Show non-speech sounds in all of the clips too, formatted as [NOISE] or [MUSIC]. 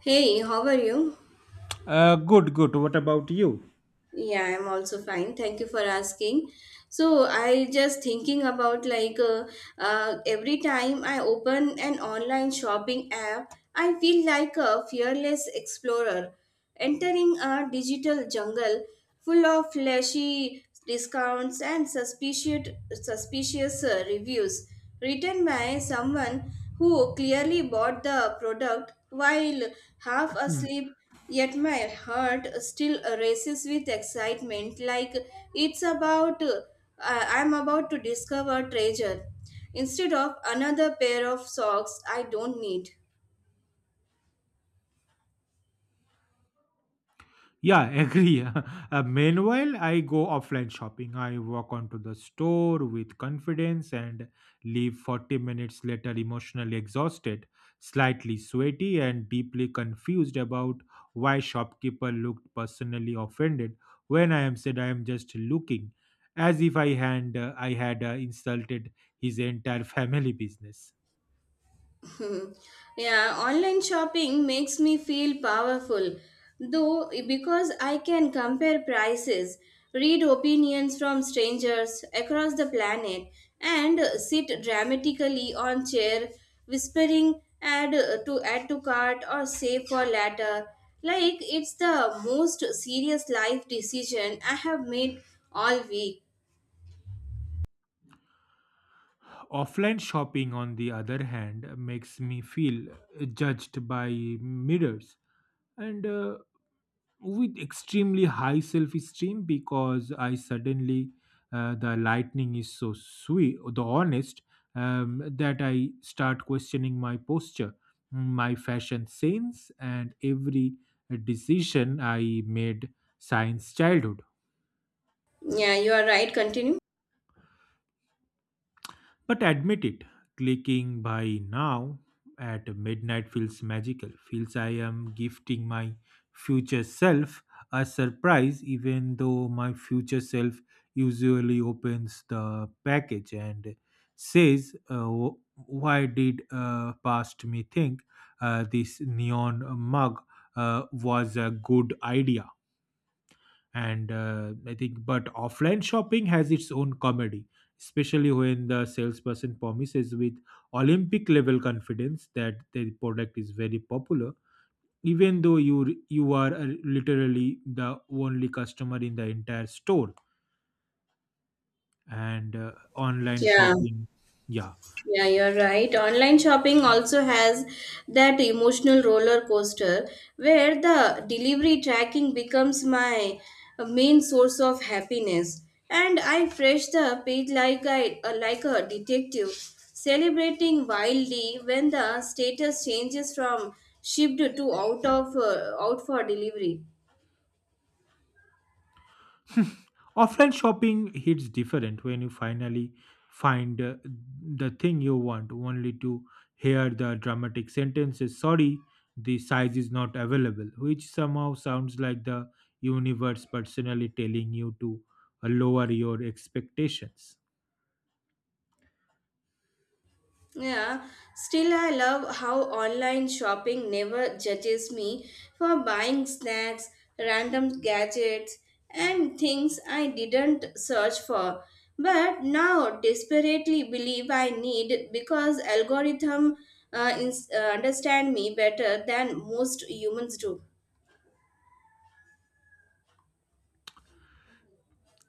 Hey, how are you? Good, good. What about you? Yeah, I'm also fine. Thank you for asking. So I just thinking about like every time I open an online shopping app, I feel like a fearless explorer entering a digital jungle full of flashy discounts and suspicious reviews written by someone who clearly bought the product while half Hmm. asleep. Yet my heart still races with excitement, like it's about, uh, I'm about to discover treasure instead of another pair of socks I don't need. Yeah, [LAUGHS] agree. Meanwhile, I go offline shopping. I walk onto the store with confidence and leave 40 minutes later emotionally exhausted, slightly sweaty, and deeply confused about why shopkeeper looked personally offended when I am said I am just looking, as if I had insulted his entire [LAUGHS] family business. [LAUGHS] Yeah, online shopping makes me feel powerful, though, because I can compare prices, read opinions from strangers across the planet, and sit dramatically on chair, whispering add to add to cart or save for later. Like it's the most serious life decision I have made all week. Offline shopping, on the other hand, makes me feel judged by mirrors and with extremely high self esteem because I suddenly, the lightning is so sweet, the honest, that I start questioning my posture, my fashion sense, and every decision I made since childhood. Yeah, you are right. Continue. But admit it, clicking by now at midnight feels magical, feels I am gifting my future self a surprise, even though my future self usually opens the package and says, "Why did past me think this neon mug was a good idea? And I think but offline shopping has its own comedy especially when the salesperson promises with olympic level confidence that their product is very popular even though you are literally the only customer in the entire store and online Yeah. shopping yeah. Yeah, you're right. Online shopping also has that emotional roller coaster where the delivery tracking becomes my main source of happiness. And I fresh the page like a detective, celebrating wildly when the status changes from shipped to out for delivery. Offline shopping hits different when you finally find the thing you want, only to hear the dramatic sentences, sorry, the size is not available, which somehow sounds like the universe personally telling you to lower your expectations. Yeah, still, I love how online shopping never judges me for buying snacks, random gadgets, and things I didn't search for. But now desperately believe I need because algorithm understand me better than most humans do.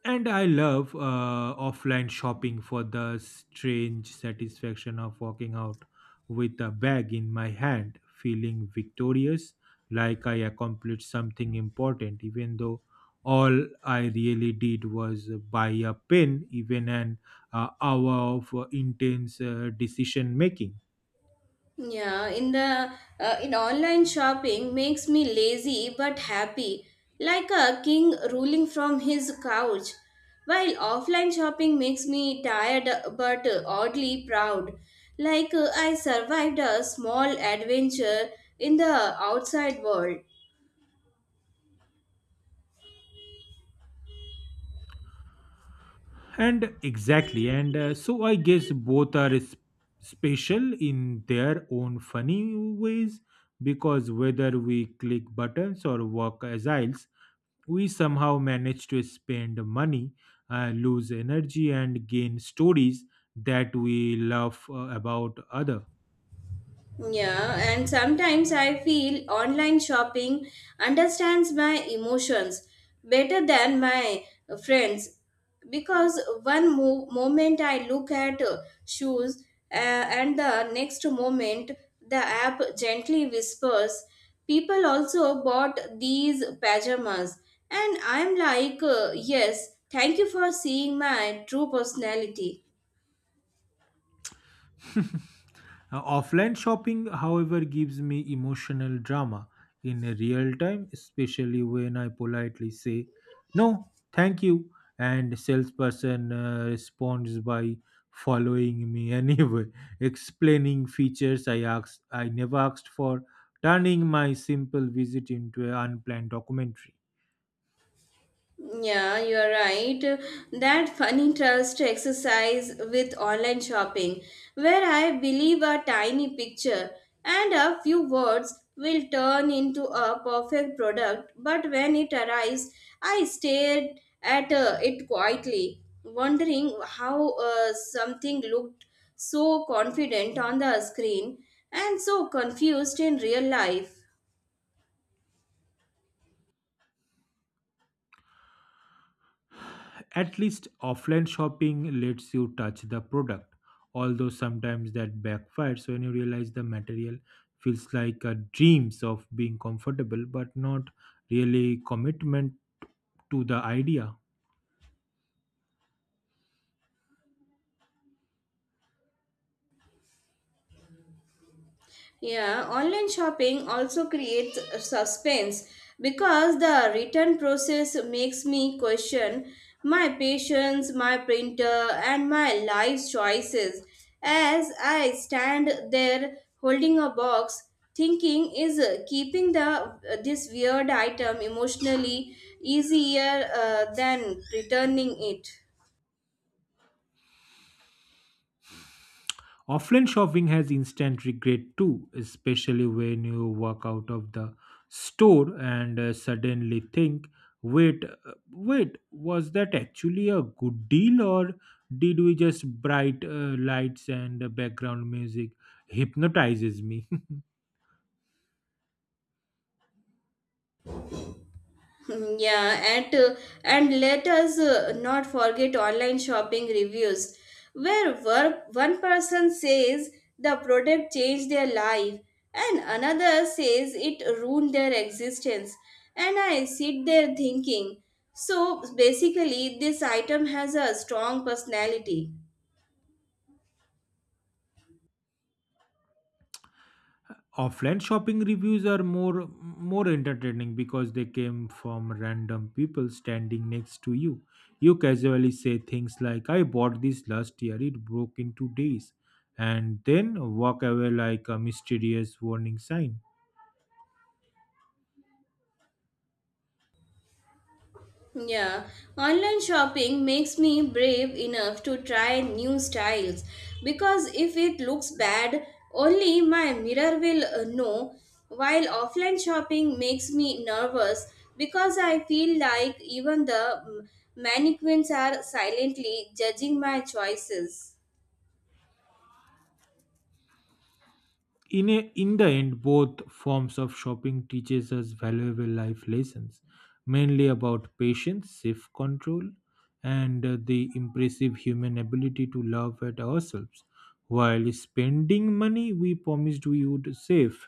And I love offline shopping for the strange satisfaction of walking out with a bag in my hand, feeling victorious, like I accomplished something important, even though all I really did was buy a pen, even an hour of intense decision making. Yeah, in online shopping makes me lazy but happy, like a king ruling from his couch. While offline shopping makes me tired but oddly proud, like I survived a small adventure in the outside world. And exactly, and so I guess both are special in their own funny ways because whether we click buttons or walk agiles, we somehow manage to spend money, lose energy, and gain stories that we love about other. Yeah, and sometimes I feel online shopping understands my emotions better than my friends because one moment I look at shoes uh, and the next moment the app gently whispers, People also bought these pajamas. And I'm like, Yes, thank you for seeing my true personality. [LAUGHS] Offline shopping, however, gives me emotional drama in real time, especially when I politely say, no, thank you, and salesperson responds by following me [LAUGHS] anyway, explaining features I never asked for, turning my simple visit into an unplanned documentary. Yeah, you're right. That funny trust exercise with online shopping, where I believe a tiny picture and a few words will turn into a perfect product, but when it arrives, I stared at it quietly, wondering how something looked so confident on the screen and so confused in real life. At least offline shopping lets you touch the product, although sometimes that backfires when you realize the material feels like a dreams of being comfortable but not really commitment to the idea. Yeah, online shopping also creates a suspense because the return process makes me question my patience, my printer, and my life choices as I stand there holding a box thinking is keeping the this weird item emotionally easier than returning it. Offline shopping has instant regret too, especially when you walk out of the store and suddenly think, wait, was that actually a good deal or did we just bright lights and background music hypnotizes me? Yeah, and and let us not forget online shopping reviews, where one person says the product changed their life, and another says it ruined their existence. And I sit there thinking, so basically, this item has a strong personality. Offline shopping reviews are more entertaining because they came from random people standing next to you. You casually say things like I bought this last year, it broke in 2 days, and then walk away like a mysterious warning sign. Yeah, online shopping makes me brave enough to try new styles because if it looks bad, only my mirror will know. While offline shopping makes me nervous because I feel like even the mannequins are silently judging my choices. In the end both forms of shopping teaches us valuable life lessons mainly about patience self control and the impressive human ability to love at ourselves while spending money we promised we would save.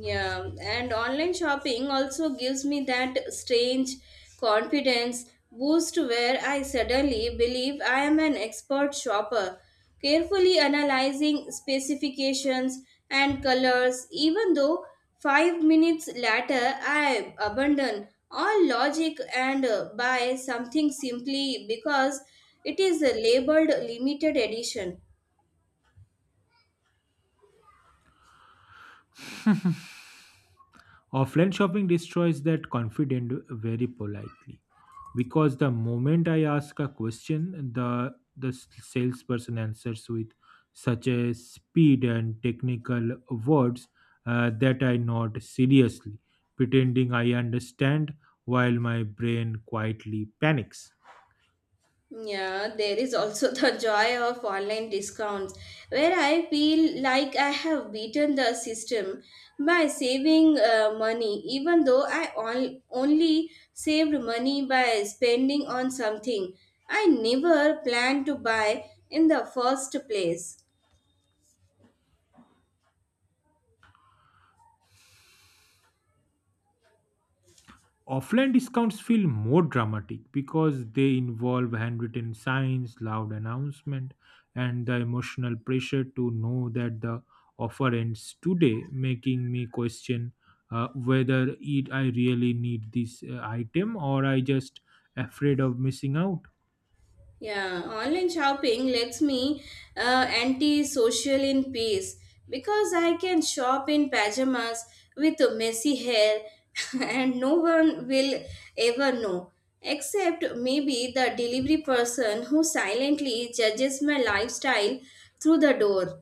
Yeah, and online shopping also gives me that strange confidence boost where I suddenly believe I am an expert shopper, carefully analyzing specifications and colors, even though 5 minutes later I abandon all logic and buy something simply because it is labeled limited edition. Offline shopping destroys that confidence very politely because the moment I ask a question, the salesperson answers with such a speed and technical words that I nod seriously, pretending I understand while my brain quietly panics. Yeah, there is also [LAUGHS] the joy of online discounts, where I feel like I have beaten the system by saving money, even though I only saved money by spending on something I never planned to buy in the first place. Offline discounts feel more dramatic because they involve handwritten signs, loud announcement, and the emotional pressure to know that the offer ends today, making me question whether it I really need this item or I just afraid of missing out. Yeah, online shopping lets me anti-social in peace because I can shop in pajamas with messy hair [LAUGHS] and no one will ever know. Except maybe the delivery person who silently judges my lifestyle through the door.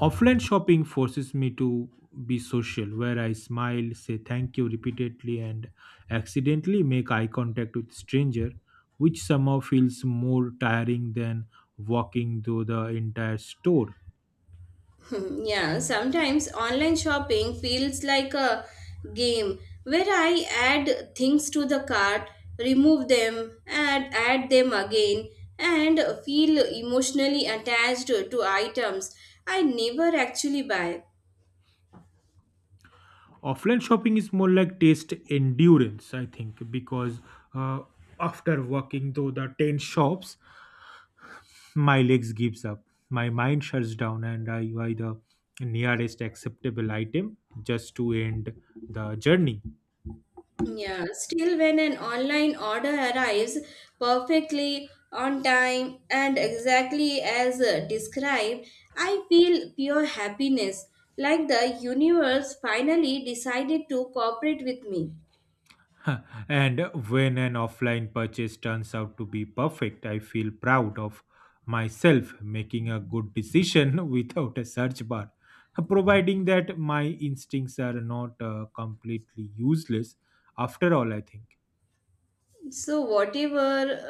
Offline shopping forces me to be social, where I smile, say thank you repeatedly, and accidentally make eye contact with stranger, which somehow feels more tiring than walking through the entire store. [LAUGHS] Hmm. Yeah, sometimes online shopping feels like a game where I add things to the cart, remove them, and add them again, and feel emotionally attached to items I never actually buy. Offline shopping is more like taste endurance, I think, because uh, after walking through the 10 shops, my legs gives up, my mind shuts down, and I buy the nearest acceptable item just to end the journey. Yeah, still, when an online order arrives perfectly on time and exactly as described, I feel pure happiness, like the universe finally decided to cooperate with me. [LAUGHS] And when an offline purchase turns out to be perfect, I feel proud of myself making a good decision [LAUGHS] without a search bar. [LAUGHS] Providing that my instincts are not completely useless, after all, I think. So, whatever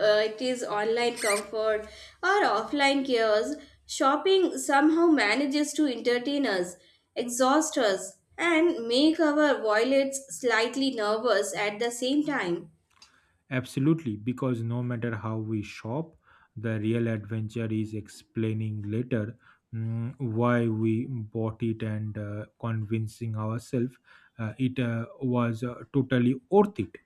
it is online comfort or offline chaos, shopping somehow manages to entertain us, exhaust us, and make our wallets slightly nervous at the same time. Absolutely, because no matter how we shop, the real adventure is explaining later why we bought it and convincing ourselves it was totally worth it.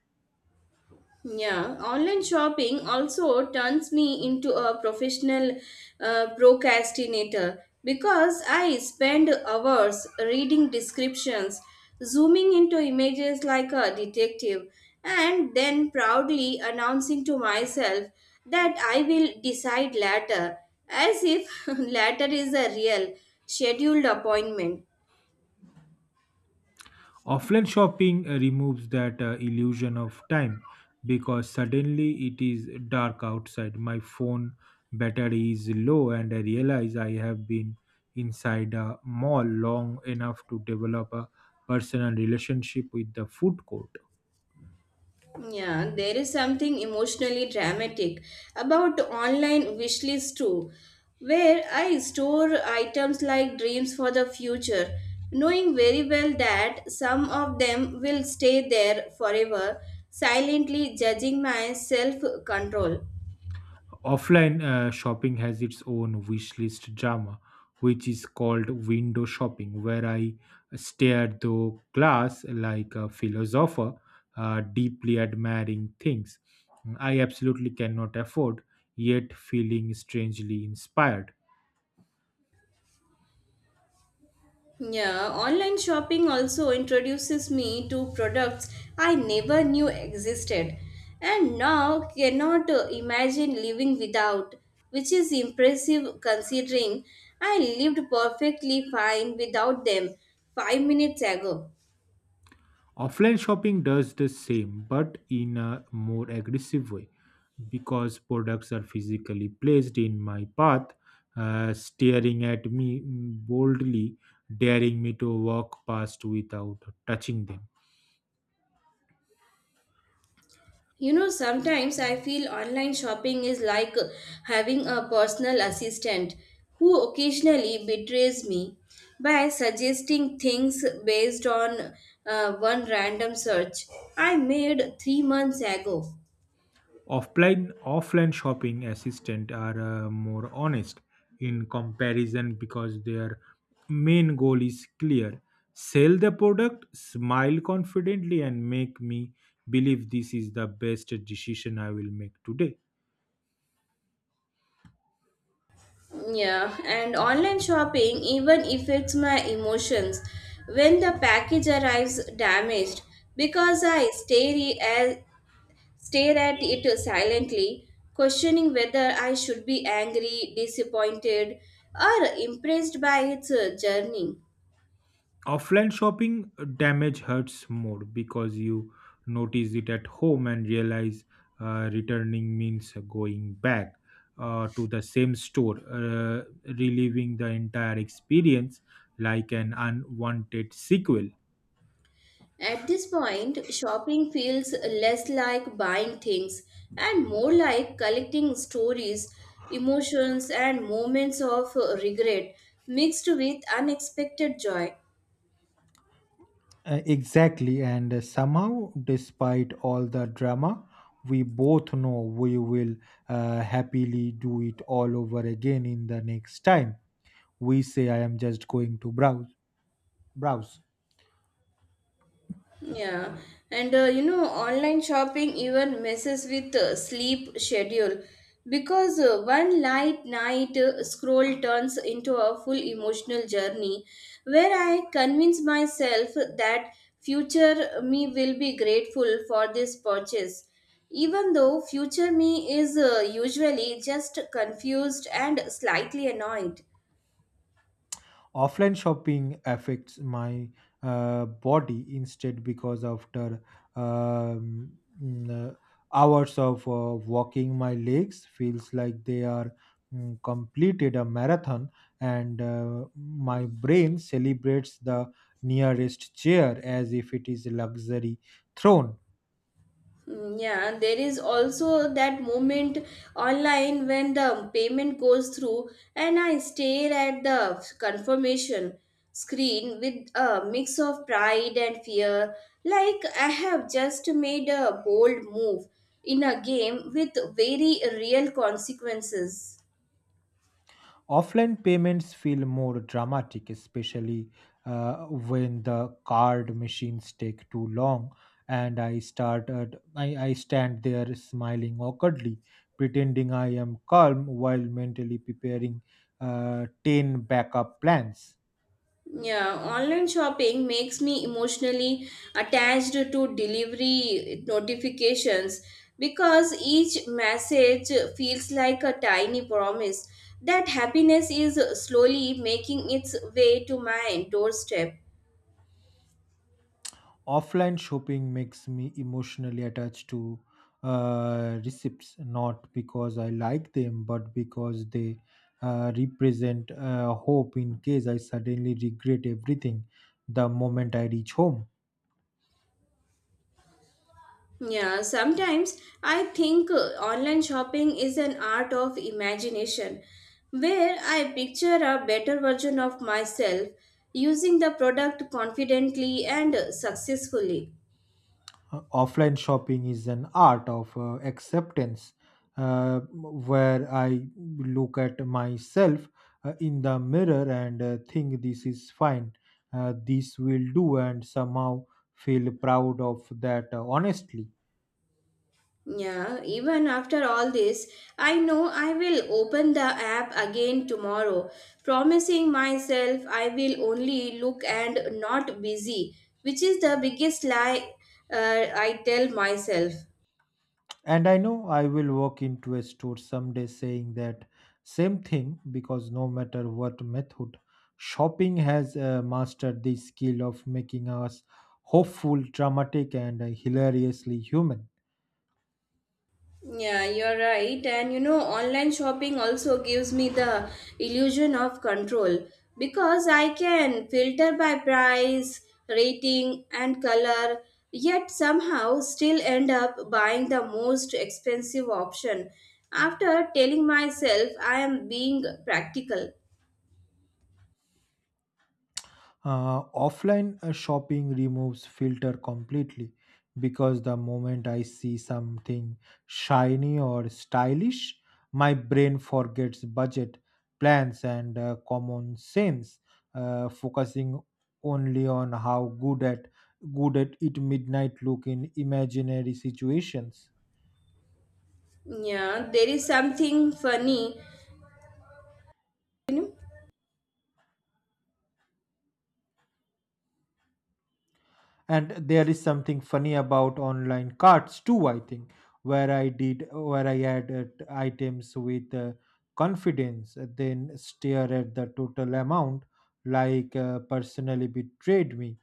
Yeah, online shopping also turns me into a professional procrastinator because I spend hours reading descriptions, zooming into images like a detective, and then proudly announcing to myself that I will decide later, as if [LAUGHS] later is a real scheduled appointment. Offline shopping removes that illusion of time because suddenly it is dark outside. My phone battery is low, and I realize I have been inside a mall long enough to develop a personal relationship with the food court. Yeah, there is something emotionally dramatic about online wish list too, where I store items like dreams for the future, knowing very well that some of them will stay there forever, silently judging my self control. Offline shopping has its own wish list drama, which is called window shopping, where I stare through glass like a philosopher, deeply admiring things I absolutely cannot afford, yet feeling strangely inspired. Yeah, online shopping also introduces me to products I never knew existed and now cannot imagine living without, which is impressive considering I lived perfectly fine without them 5 minutes ago. Offline shopping does the same, but in a more aggressive way because products are physically placed in my path, staring at me boldly, daring me to walk past without touching them. You know, sometimes I feel online shopping is like having a personal assistant who occasionally betrays me by suggesting things based on one random search I made 3 months ago. Offline shopping assistant are more honest in comparison because their main goal is clear. Sell the product, smile confidently and make me believe this is the best decision I will make today. Yeah, and online shopping even affects my emotions when the package arrives damaged because I stare at it silently, questioning whether I should be angry, disappointed, or impressed by its journey. Offline shopping damage hurts more because you notice it at home and realize returning means going back to the same store, reliving the entire experience like an unwanted sequel. At this point, shopping feels less like buying things and more like collecting stories, emotions, and moments of regret mixed with unexpected joy. Exactly, and somehow, despite all the drama, we both know we will happily do it all over again in the next time. We say, I am just going to browse. Yeah, and you know, online shopping even messes with sleep schedule because one light night scroll turns into a full emotional journey where I convince myself that future me will be grateful for this purchase, even though future me is usually just confused and slightly annoyed. Offline shopping affects my body instead because after um, mm, uh, hours of walking my legs feels like they are completed a marathon and my brain celebrates the nearest chair as if it is a luxury throne. Yeah, there is also that moment online when the payment goes through, and I stare at the confirmation screen with a mix of pride and fear, like I have just made a bold move in a game with very real consequences. Offline payments feel more dramatic, especially when the card machines take too long and I stand there smiling awkwardly, pretending I am calm while mentally preparing 10 backup plans. Yeah, online shopping makes me emotionally attached to delivery notifications because each message feels like a tiny promise that happiness is slowly making its way to my doorstep. Offline shopping makes me emotionally attached to receipts, not because I like them, but because they represent hope in case I suddenly regret everything the moment I reach home. Yeah, sometimes I think online shopping is an art of imagination where I picture a better version of myself using the product confidently and successfully. Offline shopping is an art of acceptance where I look at myself in the mirror and think this is fine, this will do, and somehow feel proud of that honestly. Yeah, even after all this, I know I will open the app again tomorrow, promising myself I will only look and not busy, which is the biggest lie uh, I tell myself. And I know I will walk into a store someday saying that same thing because no matter what method, shopping has mastered the skill of making us hopeful, dramatic, and hilariously human. Yeah, you're right. And you know, online shopping also gives me the illusion of control because I can filter by price, rating, and color, yet somehow still end up buying the most expensive option after telling myself I am being practical. Offline shopping removes filter completely because the moment I see something shiny or stylish, my brain forgets budget, plans, and common sense, focusing only on how good at it midnight look in imaginary situations. Yeah, there is something funny. And there is something funny about online carts too I think, where I did where I added items with confidence then stare at the total amount like personally betrayed me.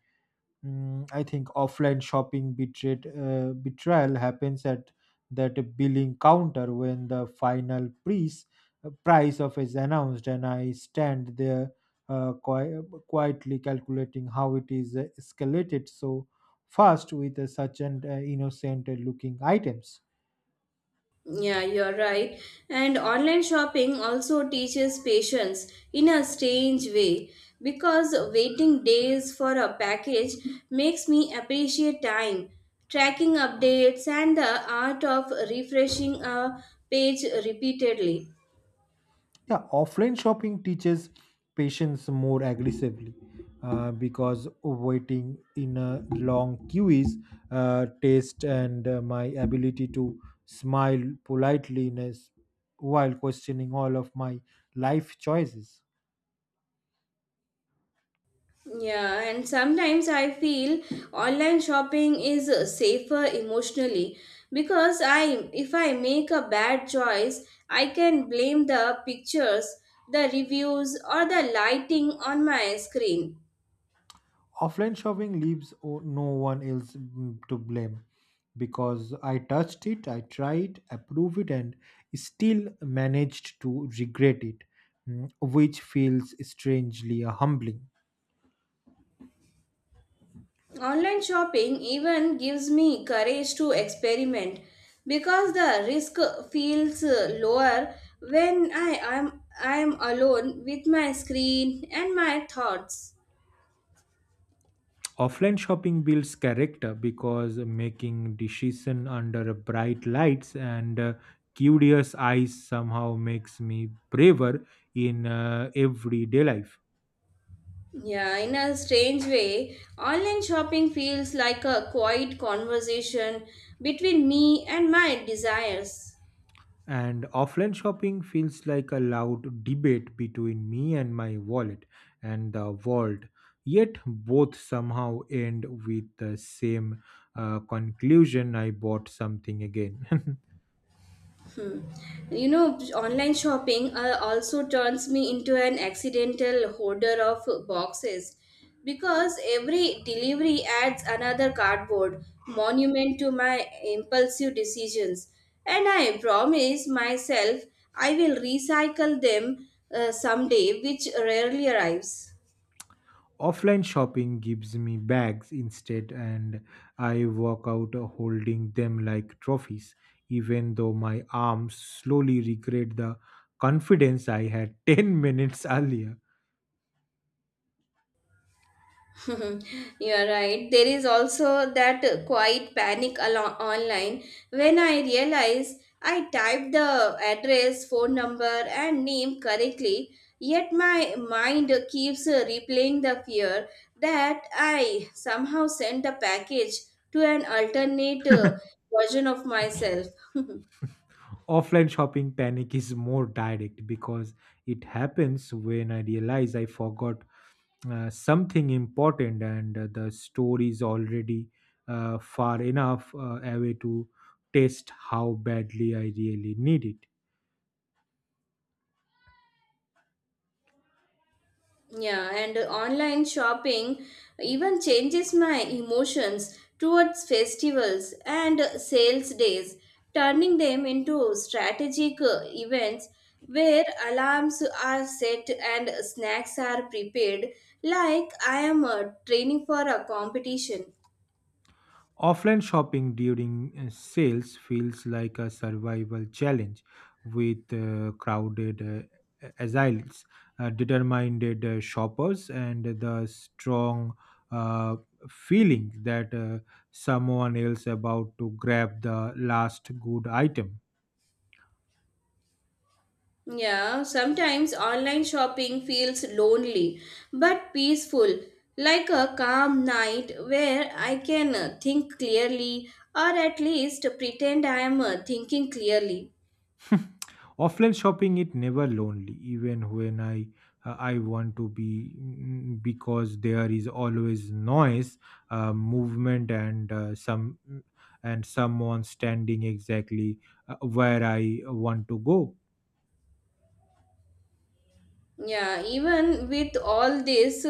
I think offline shopping betrayal happens at that billing counter when the final price price of is announced, and I stand there uh, qui- quietly calculating how it is escalated so fast with such an innocent looking items. Yeah, you're right. And online shopping also teaches patience in a strange way because waiting days for a package makes me appreciate time, tracking updates, and the art of refreshing a page repeatedly. Yeah, offline shopping teaches patience more aggressively because waiting in a long queues, taste, and my ability to smile politely while questioning all of my life choices. Yeah, and sometimes I feel online shopping is safer emotionally because I if I make a bad choice, I can blame the pictures, the reviews or the lighting on my screen. Offline shopping leaves no one else to blame because I touched it, I tried, approved it, and still managed to regret it, which feels strangely humbling. Online shopping even gives me courage to experiment because the risk feels lower when I am alone with my screen and my thoughts. Offline shopping builds character because making decision under bright lights and curious eyes somehow makes me braver in everyday life. Yeah, in a strange way, online shopping feels like a quiet conversation between me and my desires. And offline shopping feels like a loud debate between me and my wallet and the world. Yet both somehow end with the same conclusion I bought something again. [LAUGHS] You know, online shopping also turns me into an accidental hoarder of boxes because every delivery adds another cardboard monument to my impulsive decisions. And I promise myself I will recycle them someday, which rarely arrives. Offline shopping gives me bags instead, and I walk out holding them like trophies, even though my arms slowly regret the confidence I had [LAUGHS] 10 minutes earlier. [LAUGHS] You are right. There is also that quiet panic online when I realize I typed the address, phone number, and name correctly, yet my mind keeps replaying the fear that I somehow sent the package to an alternate version of myself. [LAUGHS] Offline shopping panic is more direct because it happens when I realize I forgot something important and the store is already far enough away to test how badly I really need it. Yeah, and online shopping even changes my emotions towards festivals and sales days, turning them into strategic events where alarms are set and snacks are prepared, like I am training for a competition. Offline shopping during sales feels like a survival challenge with crowded uh, aisles, determined shoppers, and the strong uh, feeling that someone else about to grab the last good item. Yeah, sometimes online shopping feels lonely but peaceful, like a calm night where I can think clearly or at least pretend I am thinking clearly. Offline shopping it never lonely even when I want to be, because there is always noise movement and some and someone standing exactly where I want to go. Yeah, even with all this,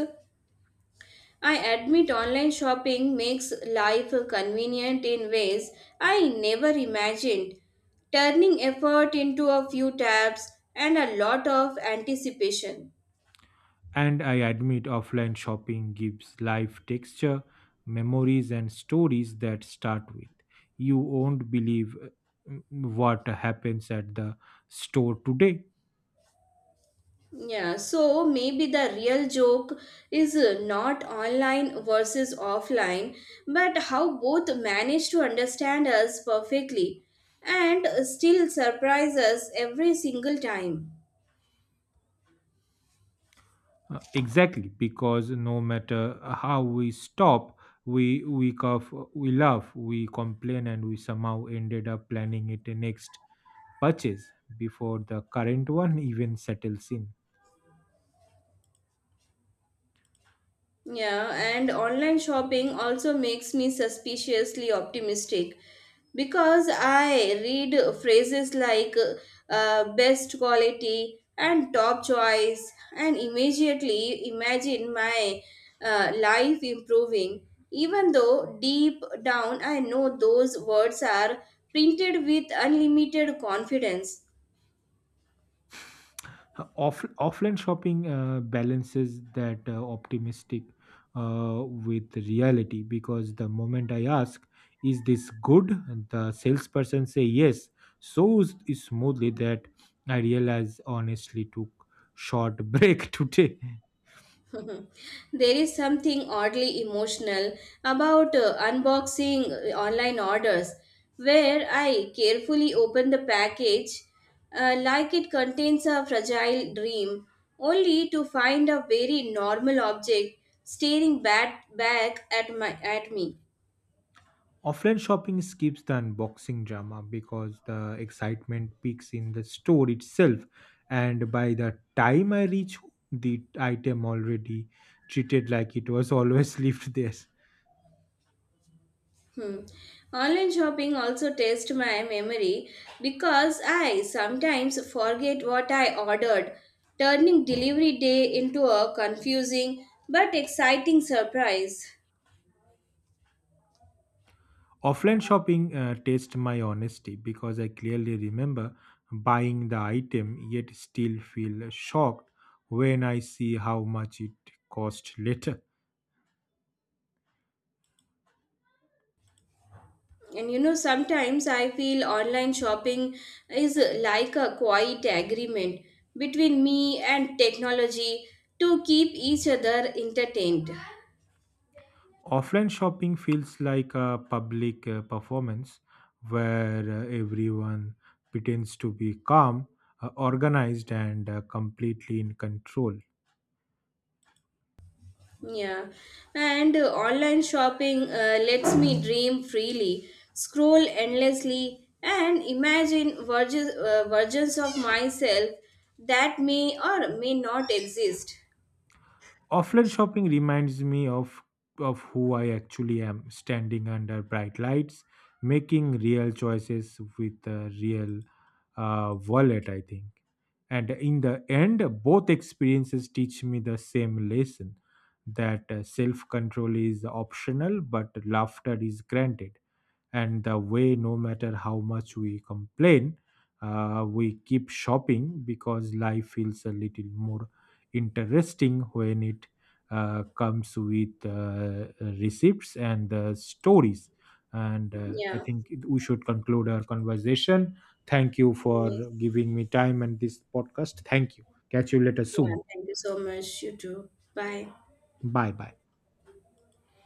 I admit online shopping makes life convenient in ways I never imagined, turning effort into a few taps and a lot of anticipation. And I admit offline shopping gives life texture memories and stories that start with you won't believe mm, what happens at the store today. Yeah, so maybe the real joke is not online versus offline, but how both manage to understand us perfectly and still surprise us every single time. Exactly, because no matter how we stop, we cough, we laugh, we complain, and we somehow ended up planning it next purchase before the current one [LAUGHS] even settles in. Yeah, and online shopping also makes me suspiciously optimistic because I read phrases like best quality and top choice and immediately imagine my life improving, even though deep down I know those words are printed with unlimited confidence. Offline shopping balances that optimistic with reality because the moment I ask, is this good? The salesperson say yes so smoothly that I realize honestly took short break [LAUGHS] today. [LAUGHS] There is something oddly emotional about unboxing online orders, where I carefully open the package like it contains a fragile dream, only to find a very normal object staring back at me. Offline shopping skips the unboxing drama because the excitement peaks in the store itself, and by the time I reach home, the item already treated like it was always [LAUGHS] lived there. Hmm. Online shopping also tests my memory because I sometimes forget what I ordered, turning delivery day into a confusing but exciting surprise. Offline shopping tests my honesty because I clearly remember buying the item yet still feel shocked when I see how much it cost later. And you know, sometimes I feel online shopping is like a quiet agreement between me and technology to keep each other entertained. Offline shopping feels like a public performance where everyone pretends to be calm, organized, and completely in control. Yeah, and online shopping lets me dream freely, scroll endlessly, and imagine versions of myself that may or may not exist. Offline shopping reminds me of who I actually am, standing under bright lights, making real choices with a real wallet, I think. And in the end, both experiences teach me the same lesson that self control is optional, but laughter is granted and the way no matter how much we complain we keep shopping because life feels a little more interesting when it comes with receipts and stories and I Yeah. think we should conclude our conversation. Thank you for Yes. giving me time and this podcast. Thank you. Catch you later Yeah. soon. Thank you so much. You too. Bye. Bye bye.